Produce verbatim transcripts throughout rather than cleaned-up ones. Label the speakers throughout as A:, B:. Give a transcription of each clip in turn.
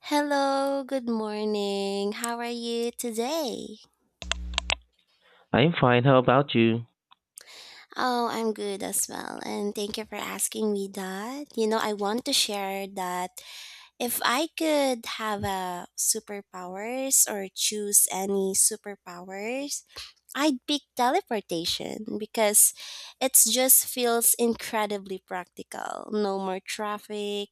A: Hello, good morning. How are you today?
B: I'm fine. How about you?
A: Oh, I'm good as well. And thank you for asking me that. You know, I want to share that if I could have a superpowers or choose any superpowers, I'd pick teleportation because it just feels incredibly practical. No more traffic,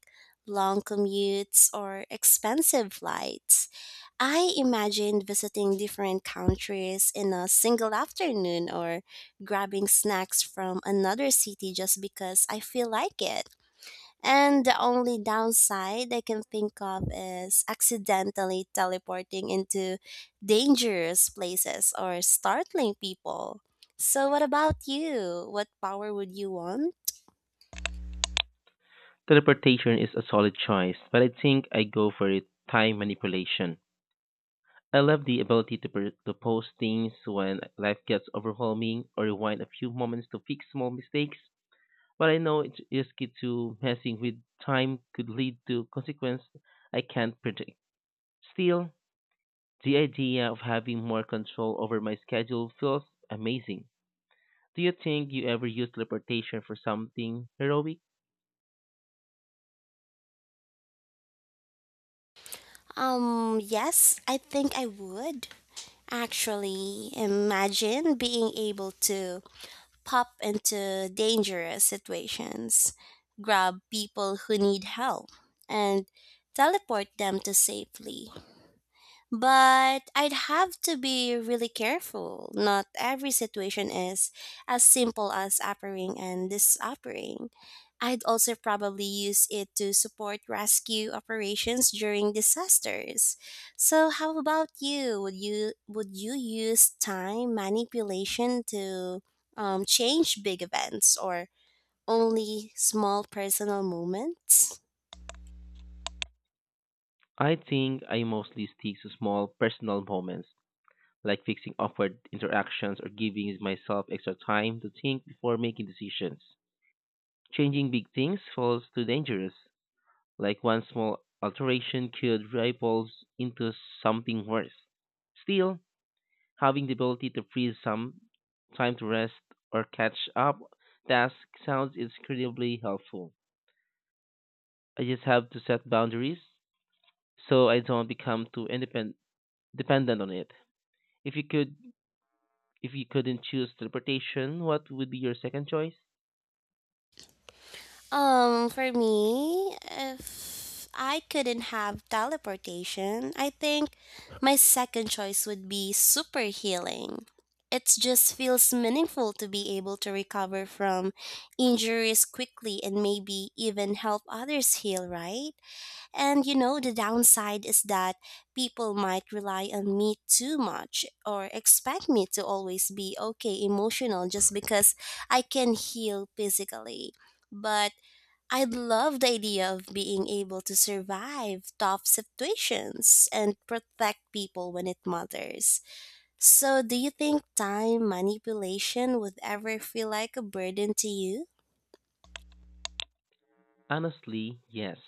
A: long commutes, or expensive flights. I imagined visiting different countries in a single afternoon or grabbing snacks from another city just because I feel like it. And the only downside I can think of is accidentally teleporting into dangerous places or startling people. So what about you? What power would you want?
B: Teleportation is a solid choice, but I think I go for it. Time manipulation. I love the ability to, per- to pause things when life gets overwhelming or rewind a few moments to fix small mistakes. But I know it's risky to messing with time could lead to consequences I can't predict. Still, the idea of having more control over my schedule feels amazing. Do you think you ever use teleportation for something heroic?
A: Um, yes, I think I would. Actually, imagine being able to pop into dangerous situations, grab people who need help, and teleport them to safely. But I'd have to be really careful. Not every situation is as simple as uppering and disoppering. I'd also probably use it to support rescue operations during disasters. So how about you? Would you would you use time manipulation to um, change big events or only small personal moments?
B: I think I mostly stick to small personal moments, like fixing awkward interactions or giving myself extra time to think before making decisions. Changing big things falls too dangerous, like one small alteration could ripple into something worse. Still, having the ability to freeze some time to rest or catch up tasks sounds incredibly helpful. I just have to set boundaries so I don't become too independent dependent on it. If you could if you couldn't choose teleportation, what would be your second choice?
A: Um, for me, if I couldn't have teleportation, I think my second choice would be super healing. It just feels meaningful to be able to recover from injuries quickly and maybe even help others heal, right? And you know, the downside is that people might rely on me too much or expect me to always be okay emotional just because I can heal physically. But I'd love the idea of being able to survive tough situations and protect people when it matters. So, do you think time manipulation would ever feel like a burden to you?
B: Honestly, yes.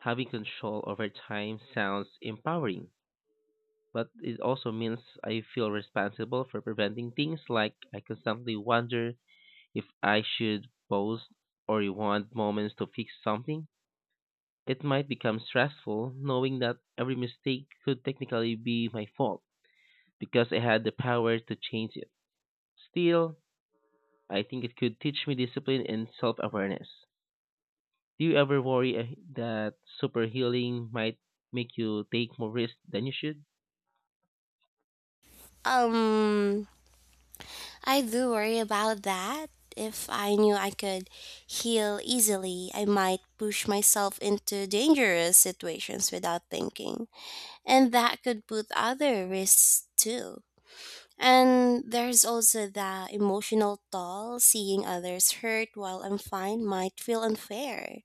B: Having control over time sounds empowering, but it also means I feel responsible for preventing things like I constantly wonder if I should pause or rewind moments to fix something. It might become stressful knowing that every mistake could technically be my fault because I had the power to change it. Still, I think it could teach me discipline and self awareness. Do you ever worry eh, that super healing might make you take more risks than you should?
A: Um, I do worry about that. If I knew I could heal easily, I might push myself into dangerous situations without thinking, and that could put other risks too. And there's also the emotional toll seeing others hurt while I'm fine might feel unfair.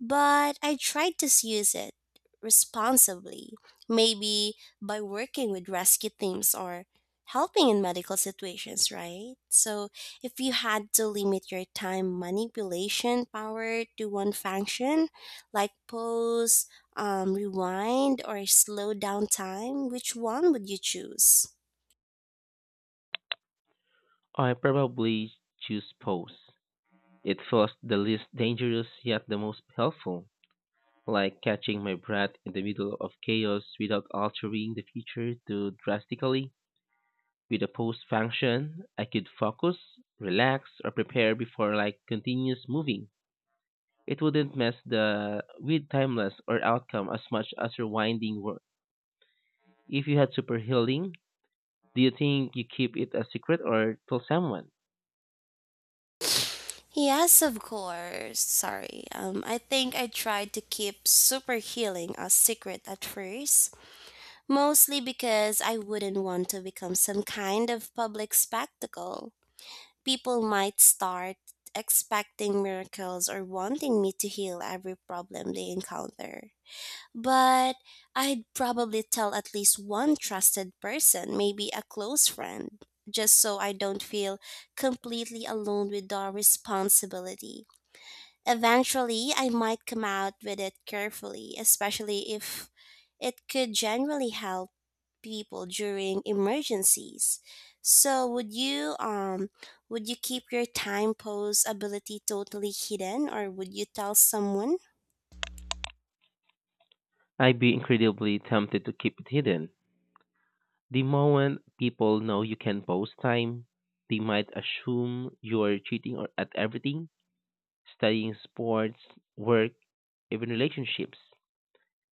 A: But I try to use it responsibly, maybe by working with rescue teams or helping in medical situations, right? So if you had to limit your time manipulation power to one function, like pause, um, rewind, or slow down time, which one would you choose?
B: I probably choose pose. It feels the least dangerous yet the most helpful, like catching my breath in the middle of chaos without altering the future too drastically. With a pose function, I could focus, relax, or prepare before like continuous moving. It wouldn't mess the with timeless or outcome as much as rewinding work. If you had super healing, do you think you keep it a secret or tell someone?
A: Yes, of course. Sorry. Um, I think I tried to keep super healing a secret at first, mostly because I wouldn't want to become some kind of public spectacle. People might start expecting miracles or wanting me to heal every problem they encounter. But I'd probably tell at least one trusted person, maybe a close friend, just so I don't feel completely alone with the responsibility. Eventually, I might come out with it carefully, especially if it could genuinely help people during emergencies. So, would you um would you keep your time pose ability totally hidden or would you tell someone?
B: I'd be incredibly tempted to keep it hidden. The moment people know you can post time, they might assume you're cheating or at everything, studying sports, work, even relationships.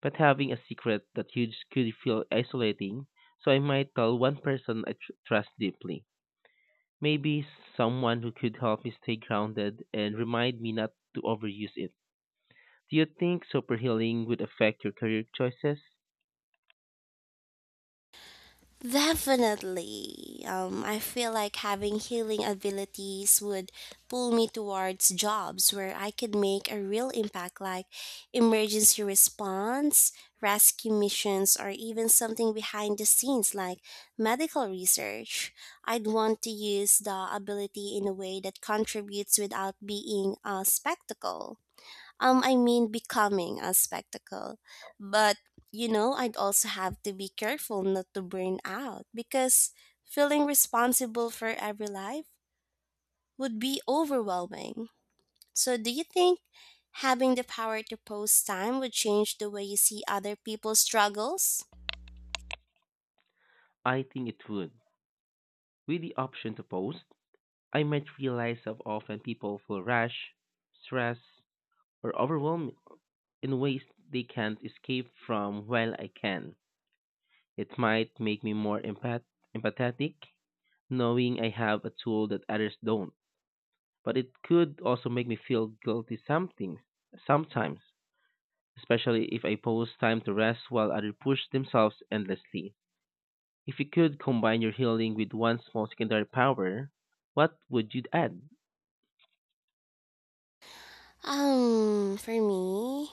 B: But having a secret that huge could feel isolating, so I might tell one person I tr- trust deeply. Maybe someone who could help me stay grounded and remind me not to overuse it. Do you think superhealing would affect your career choices?
A: Definitely. Um, I feel like having healing abilities would pull me towards jobs where I could make a real impact, like emergency response, rescue missions, or even something behind the scenes like medical research. I'd want to use the ability in a way that contributes without being a spectacle. Um, I mean becoming a spectacle. But, you know, I'd also have to be careful not to burn out because feeling responsible for every life would be overwhelming. So, do you think having the power to post time would change the way you see other people's struggles?
B: I think it would. With the option to post, I might realize how often people feel rash, stressed, or overwhelmed in ways they can't escape from while I can. It might make me more empath- empathetic, knowing I have a tool that others don't. But it could also make me feel guilty something, sometimes, especially if I post time to rest while others push themselves endlessly. If you could combine your healing with one small secondary power, what would you add?
A: Um, for me,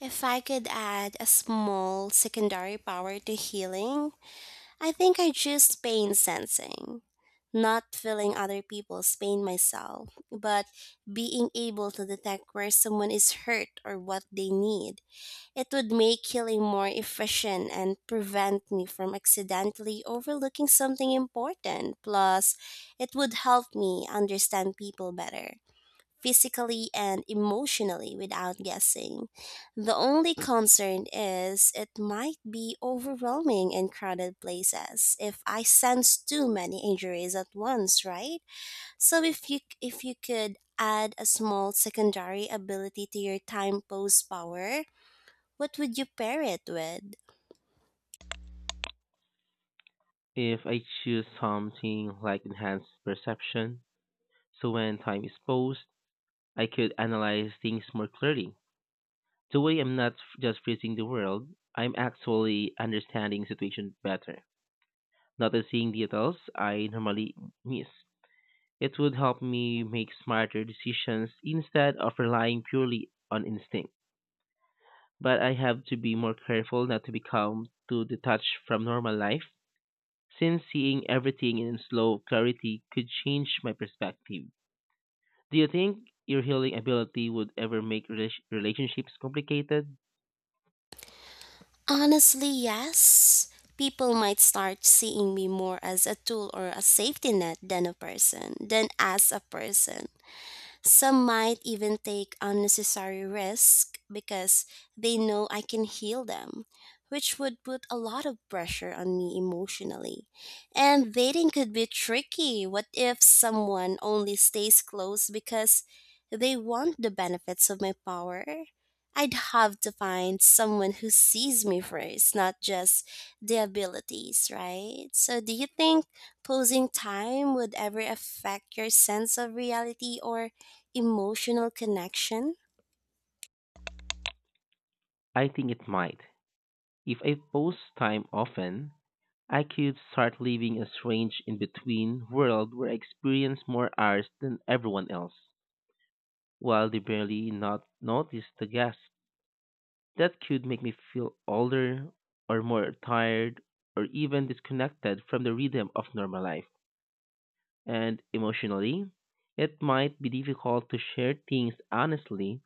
A: if I could add a small secondary power to healing, I think I choose pain sensing, not feeling other people's pain myself, but being able to detect where someone is hurt or what they need. It would make healing more efficient and prevent me from accidentally overlooking something important. Plus, it would help me understand people better physically and emotionally without guessing. The only concern is it might be overwhelming in crowded places if I sense too many injuries at once, right? So if you if you could add a small secondary ability to your time pose power, what would you pair it with?
B: If I choose something like enhanced perception, so when time is paused, I could analyze things more clearly. The way I'm not f- just freezing the world, I'm actually understanding situation better, noticing details I normally miss. It would help me make smarter decisions instead of relying purely on instinct. But I have to be more careful not to become too detached from normal life, since seeing everything in slow clarity could change my perspective. Do you think your healing ability would ever make rela- relationships complicated?
A: Honestly, yes. People might start seeing me more as a tool or a safety net than a person, than as a person. Some might even take unnecessary risk because they know I can heal them, which would put a lot of pressure on me emotionally. And dating could be tricky. What if someone only stays close because they want the benefits of my power? I'd have to find someone who sees me first, not just the abilities, right? So, do you think posing time would ever affect your sense of reality or emotional connection?
B: I think it might. If I post time often, I could start living a strange in between world where I experience more hours than everyone else, while they barely not notice the guest. That could make me feel older or more tired or even disconnected from the rhythm of normal life. And emotionally, it might be difficult to share things honestly.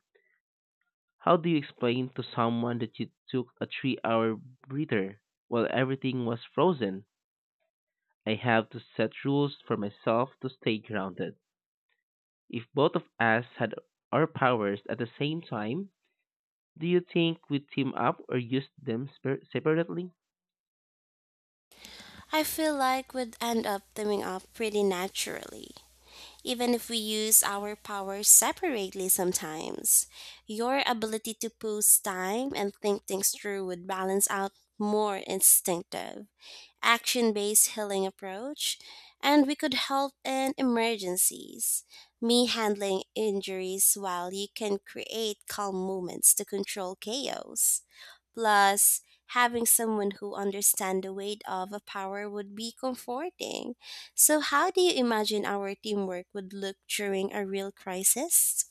B: How do you explain to someone that you took a three hour breather while everything was frozen? I have to set rules for myself to stay grounded. If both of us had our powers at the same time, do you think we'd team up or use them spar- separately?
A: I feel like would end up coming up pretty naturally, even if we use our powers separately sometimes. Your ability to pause time and think things through would balance out more instinctive, action based healing approach, and we could help in emergencies. Me handling injuries while you can create calm moments to control chaos. Plus, having someone who understands the weight of a power would be comforting. So, how do you imagine our teamwork would look during a real crisis?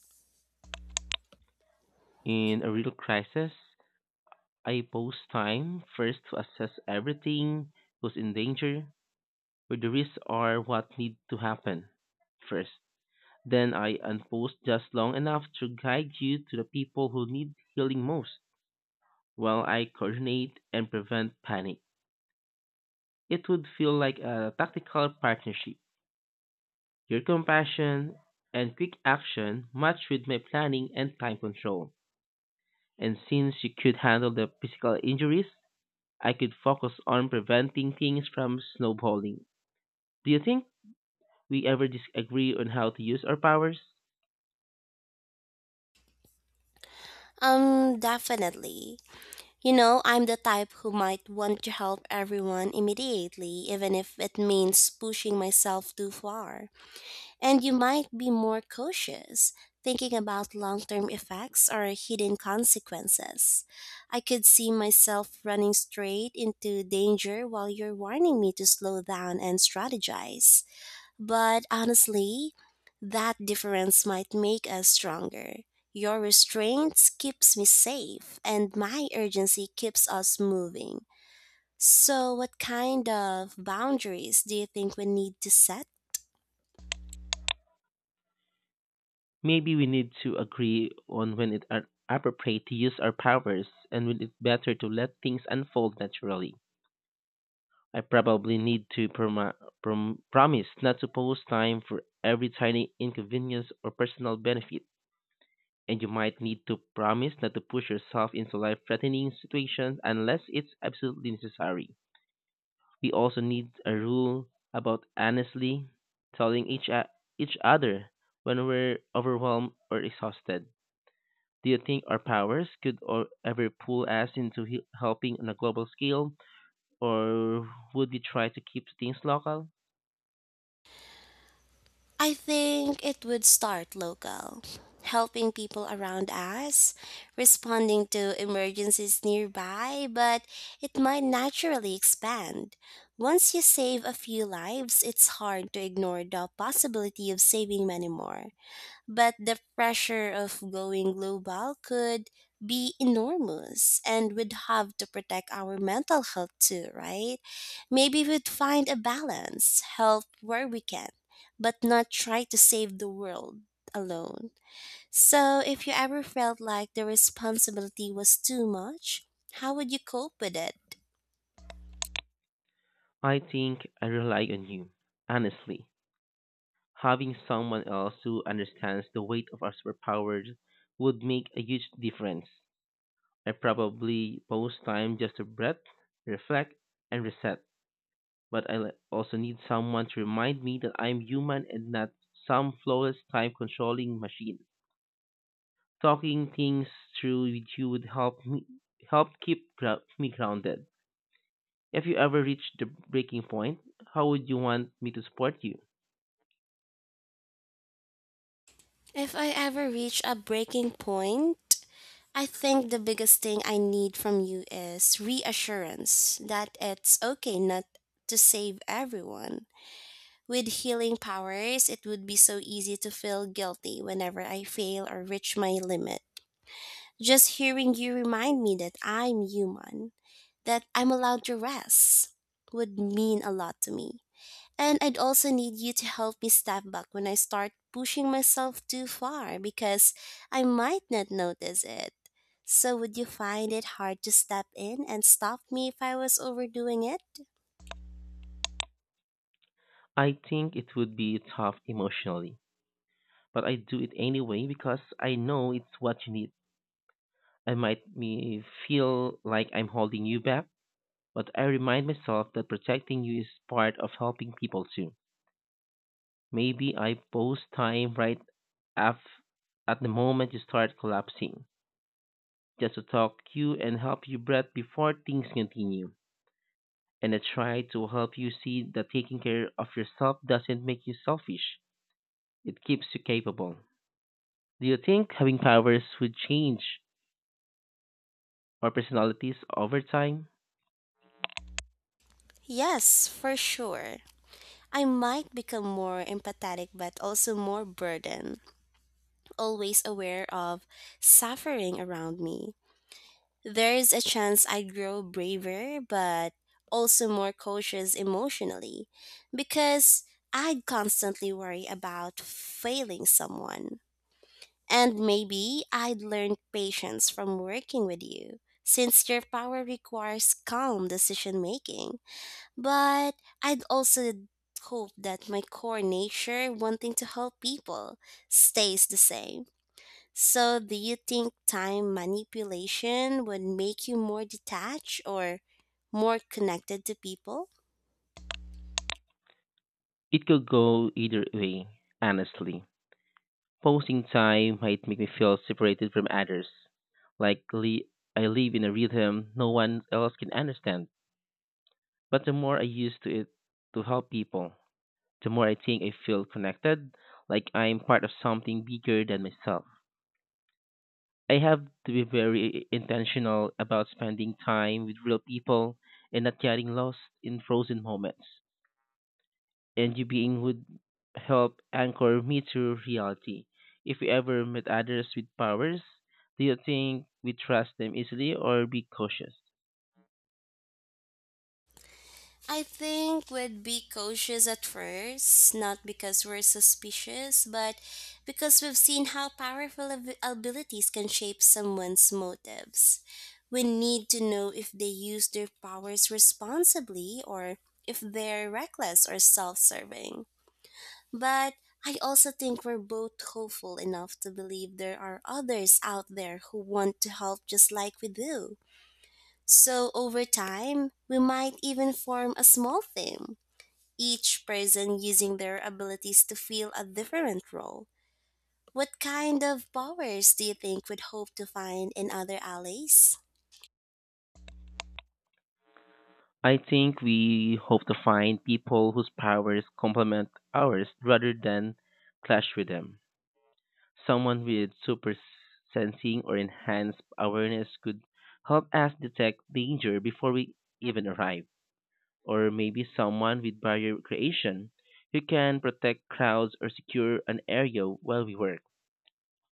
B: In a real crisis, I pause time first to assess everything who's in danger, where the risks are, what need to happen first. Then I unpause just long enough to guide you to the people who need healing most, while I coordinate and prevent panic. It would feel like a tactical partnership. Your compassion and quick action match with my planning and time control. And since you could handle the physical injuries, I could focus on preventing things from snowballing. Do you think we ever disagree on how to use our powers?
A: Um, definitely. You know, I'm the type who might want to help everyone immediately, even if it means pushing myself too far. And you might be more cautious, thinking about long term effects or hidden consequences. I could see myself running straight into danger while you're warning me to slow down and strategize. But honestly, that difference might make us stronger. Your restraint keeps me safe, and my urgency keeps us moving. So, what kind of boundaries do you think we need to set?
B: Maybe we need to agree on when it are appropriate to use our powers and when it's better to let things unfold naturally. I probably need to promi- prom- promise not to pose time for every tiny inconvenience or personal benefit. And you might need to promise not to push yourself into life threatening situations unless it's absolutely necessary. We also need a rule about honestly telling each o- each other when we're overwhelmed or exhausted. Do you think our powers could or ever pull us into he- helping on a global scale, or would we try to keep things local?
A: I think it would start local, helping people around us, responding to emergencies nearby, but it might naturally expand. Once you save a few lives, it's hard to ignore the possibility of saving many more. But the pressure of going global could be enormous, and we'd have to protect our mental health too, right? Maybe we'd find a balance, help where we can, but not try to save the world alone. So, if you ever felt like the responsibility was too much, how would you cope with it?
B: I think I rely on you, honestly. Having someone else who understands the weight of our superpowers would make a huge difference. I probably post time just to breath, reflect, and reset but I le- also need someone to remind me that I'm human and not some flawless time controlling machine. Talking things through with you would help me help keep gro- me grounded. If you ever reach the breaking point, how would you want me to support you?
A: If I ever reach a breaking point, I think the biggest thing I need from you is reassurance that it's okay not to save everyone. With healing powers, it would be so easy to feel guilty whenever I fail or reach my limit. Just hearing you remind me that I'm human, that I'm allowed to rest, would mean a lot to me. And I'd also need you to help me step back when I start pushing myself too far because I might not notice it. So, would you find it hard to step in and stop me if I was overdoing it?
B: I think it would be tough emotionally, but I do it anyway because I know it's what you need. I might me feel like I'm holding you back, but I remind myself that protecting you is part of helping people too. Maybe I post time right af- at the moment you start collapsing, just to talk you and help you breath before things continue. And I try to help you see that taking care of yourself doesn't make you selfish, it keeps you capable. Do you think having powers would change our personalities over time?
A: Yes, for sure. I might become more empathetic but also more burdened, always aware of suffering around me. There's a chance I'd grow braver, but also more cautious emotionally because I'd constantly worry about failing someone. And maybe I'd learn patience from working with you since your power requires calm decision making. But I'd also hope that my core nature, wanting to help people, stays the same. So, do you think time manipulation would make you more detached or more connected to people?
B: It could go either way, honestly. Posting time might make me feel separated from others, like li- I live in a rhythm no one else can understand. But the more I use to it to help people, the more I think I feel connected, like I'm part of something bigger than myself. I have to be very intentional about spending time with real people and not getting lost in frozen moments. And you being would help anchor me to reality. If we ever met others with powers, do you think we trust them easily or be cautious?
A: I think we'd be cautious at first, not because we're suspicious, but because we've seen how powerful ab- abilities can shape someone's motives. We need to know if they use their powers responsibly or if they're reckless or self serving. But I also think we're both hopeful enough to believe there are others out there who want to help just like we do. So over time, we might even form a small team, each person using their abilities to fill a different role. What kind of powers do you think we'd hope to find in other allies?
B: I think we hope to find people whose powers complement ours rather than clash with them. Someone with super sensing or enhanced awareness could help us detect danger before we even arrive. Or maybe someone with barrier creation who can protect crowds or secure an area while we work.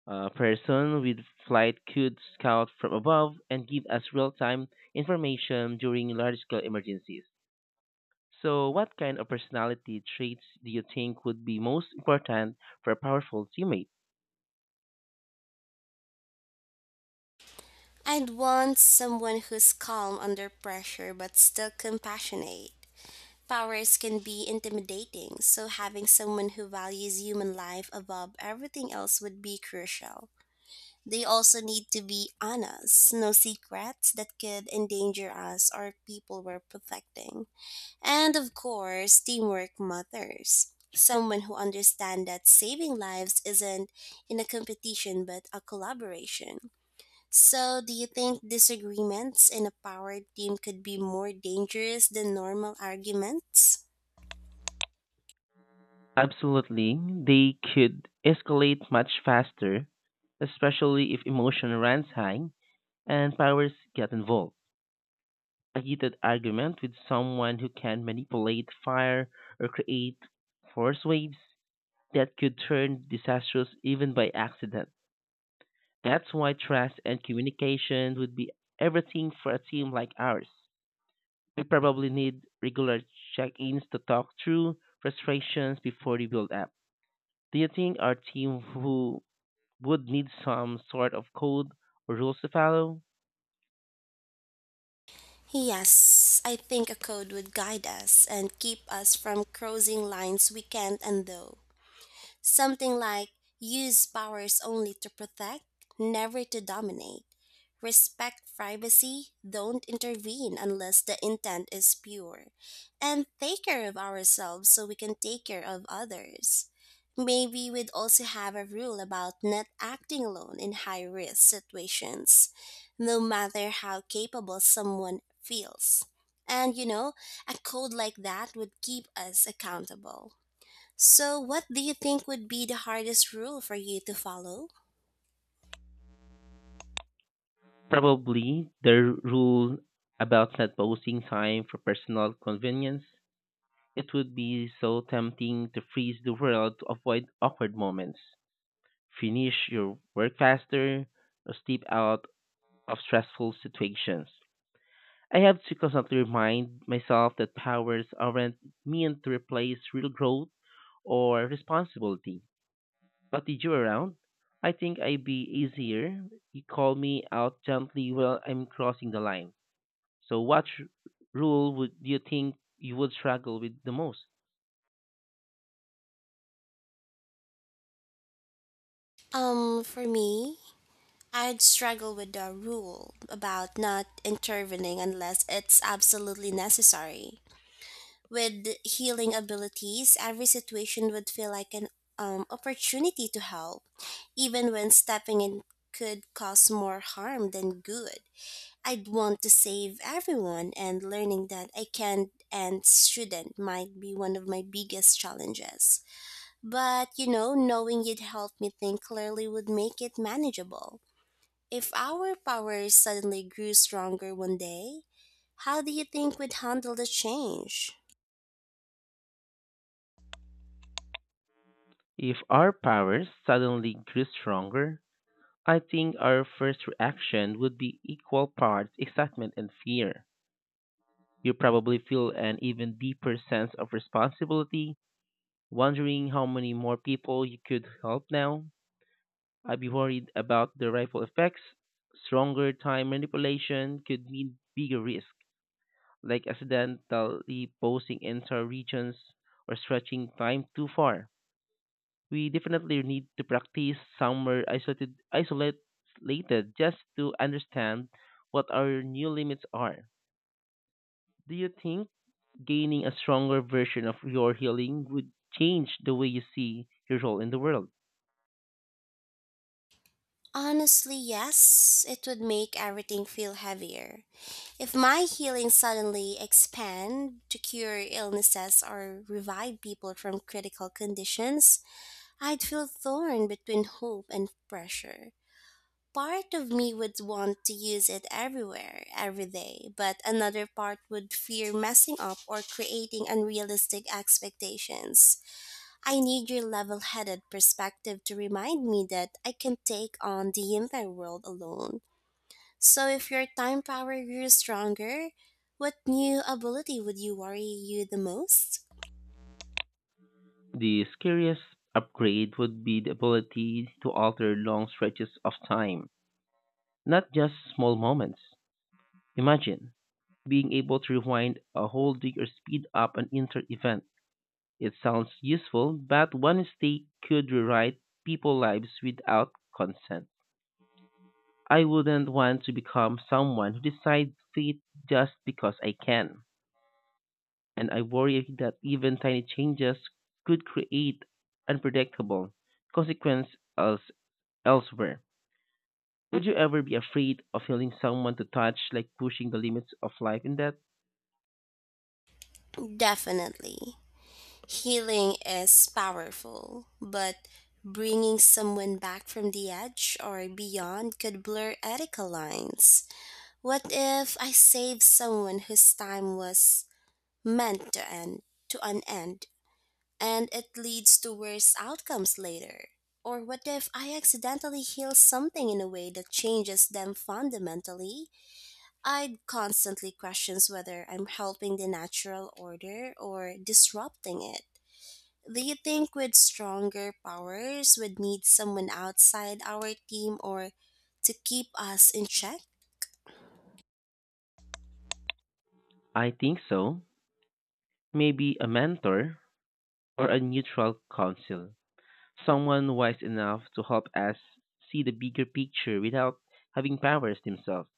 B: A person with flight could scout from above and give us real time information during large scale emergencies. So, what kind of personality traits do you think would be most important for a powerful teammate?
A: I'd want someone who's calm under pressure but still compassionate. Powers can be intimidating, so having someone who values human life above everything else would be crucial. They also need to be honest, no secrets that could endanger us or people we're protecting. And of course, teamwork matters. Someone who understands that saving lives isn't in a competition but a collaboration. So, do you think disagreements in a power team could be more dangerous than normal arguments?
B: Absolutely, they could escalate much faster, especially if emotion runs high and powers get involved. A heated argument with someone who can manipulate fire or create force waves that could turn disastrous even by accident. That's why trust and communication would be everything for a team like ours. We probably need regular check ins to talk through frustrations before they build up. Do you think our team who would need some sort of code or rules to follow?
A: Yes, I think a code would guide us and keep us from crossing lines we can't undo. Something like use powers only to protect, never to dominate. Respect privacy, don't intervene unless the intent is pure. And take care of ourselves so we can take care of others. Maybe we'd also have a rule about not acting alone in high risk situations, no matter how capable someone feels. And you know, a code like that would keep us accountable. So, what do you think would be the hardest rule for you to follow?
B: Probably the rule about not posting time for personal convenience. It would be so tempting to freeze the world to avoid awkward moments, finish your work faster, or slip out of stressful situations. I have to constantly remind myself that powers aren't meant to replace real growth or responsibility. But did you around? I think I'd be easier. You call me out gently while I'm crossing the line. So, what r- rule would do you think you would struggle with the most?
A: Um, for me, I'd struggle with the rule about not intervening unless it's absolutely necessary. With healing abilities, every situation would feel like an um, opportunity to help, even when stepping in could cause more harm than good. I'd want to save everyone, and learning that I can and shouldn't might be one of my biggest challenges. But, you know, knowing you'd help me think clearly would make it manageable. If our powers suddenly grew stronger one day, how do you think we'd handle the change?
B: If our powers suddenly grew stronger, I think our first reaction would be equal parts excitement and fear. You probably feel an even deeper sense of responsibility, wondering how many more people you could help now. I'd be worried about the ripple effects. Stronger time manipulation could mean bigger risk. Like accidentally posting entire regions or stretching time too far. We definitely need to practice somewhere isolated, isolated just to understand what our new limits are. Do you think gaining a stronger version of your healing would change the way you see your role in the world?
A: Honestly, yes, it would make everything feel heavier. If my healing suddenly expand to cure illnesses or revive people from critical conditions, I'd feel torn between hope and pressure. Part of me would want to use it everywhere, every day, but another part would fear messing up or creating unrealistic expectations. I need your level headed perspective to remind me that I can take on the entire world alone. So, if your time power grew stronger, what new ability would you worry you the most?
B: The scariest upgrade would be the ability to alter long stretches of time, not just small moments. Imagine being able to rewind a whole dig or speed up an inter event. It sounds useful, but one mistake could rewrite people's lives without consent. I wouldn't want to become someone who decides fate just because I can. And I worry that even tiny changes could create unpredictable consequences else- elsewhere. Would you ever be afraid of feeling someone to touch, like pushing the limits of life in that?
A: Definitely. Healing is powerful, but bringing someone back from the edge or beyond could blur ethical lines. What if I save someone whose time was meant to end to unend, and it leads to worse outcomes later? Or what if I accidentally heal something in a way that changes them fundamentally? I'd constantly questions whether I'm helping the natural order or disrupting it. Do you think with stronger powers would need someone outside our team or to keep us in check?
B: I think so. Maybe a mentor or a neutral counsel, someone wise enough to help us see the bigger picture without having powers themselves.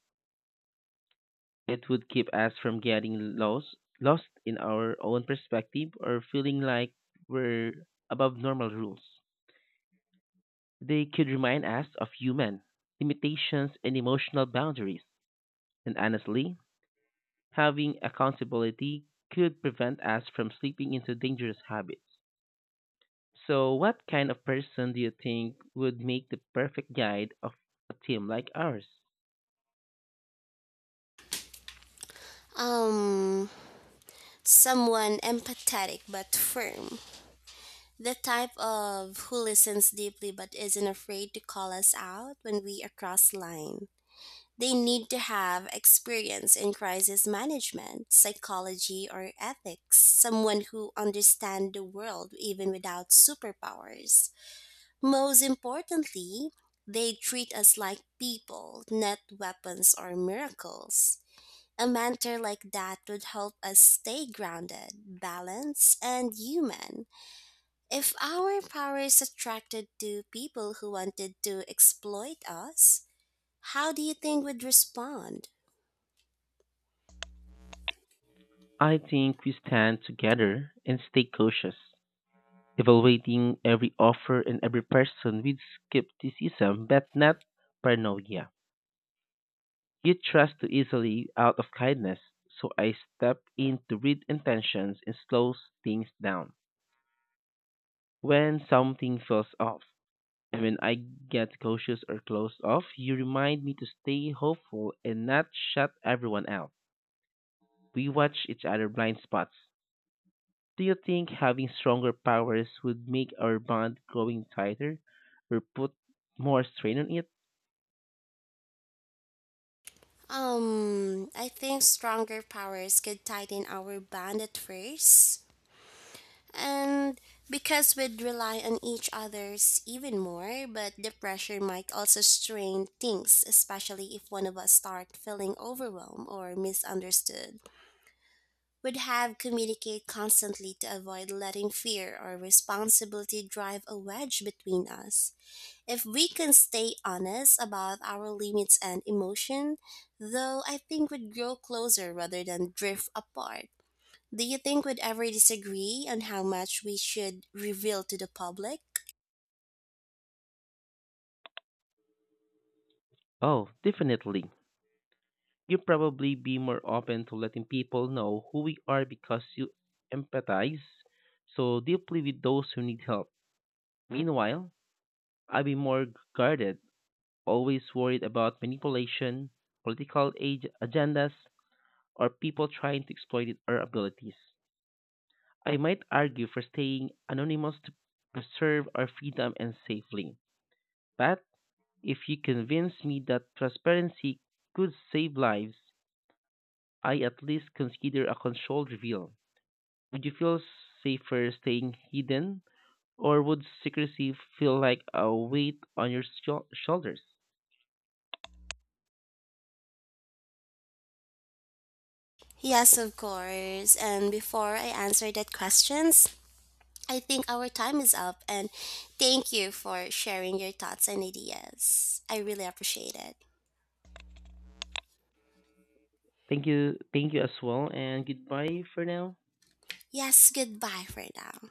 B: It would keep us from getting lost, lost in our own perspective or feeling like we're above normal rules. They could remind us of human limitations and emotional boundaries. And honestly, having accountability could prevent us from slipping into dangerous habits. So, what kind of person do you think would make the perfect guide of a team like ours?
A: Um, someone empathetic but firm. The type of who listens deeply but isn't afraid to call us out when we are cross line. They need to have experience in crisis management, psychology, or ethics, someone who understands the world even without superpowers. Most importantly, they treat us like people, not weapons or miracles. A mentor like that would help us stay grounded, balanced, and human. If our power is attracted to people who wanted to exploit us, how do you think we would respond?
B: I think we stand together and stay cautious, evaluating every offer and every person with skepticism but not paranoia. You trust too easily out of kindness, so I step in to read intentions and slows things down when something feels off. And when I get cautious or closed off, you remind me to stay hopeful and not shut everyone out. We watch each other blind spots. Do you think having stronger powers would make our bond growing tighter or put more strain on it?
A: Um, I think stronger powers could tighten our bond at first. And because we'd rely on each other's even more, but the pressure might also strain things, especially if one of us start feeling overwhelmed or misunderstood. We'd have communicate constantly to avoid letting fear or responsibility drive a wedge between us. If we can stay honest about our limits and emotion, though, I think we'd grow closer rather than drift apart. Do you think we'd ever disagree on how much we should reveal to the public?
B: Oh, definitely. You probably be more open to letting people know who we are because you empathize so deeply with those who need help. Meanwhile, I'd be more guarded always worried about manipulation, political age agendas, or people trying to exploit our abilities. I might argue for staying anonymous to preserve our freedom and safely. But if you convince me that transparency could save lives, I at least consider a controlled reveal. Would you feel safer staying hidden, or would secrecy feel like a weight on your shou- shoulders?
A: Yes, of course. And before I answer that questions, I think our time is up and thank you for sharing your thoughts and ideas. I really appreciate it.
B: Thank you, thank you as well, and goodbye for now.
A: Yes, goodbye for now.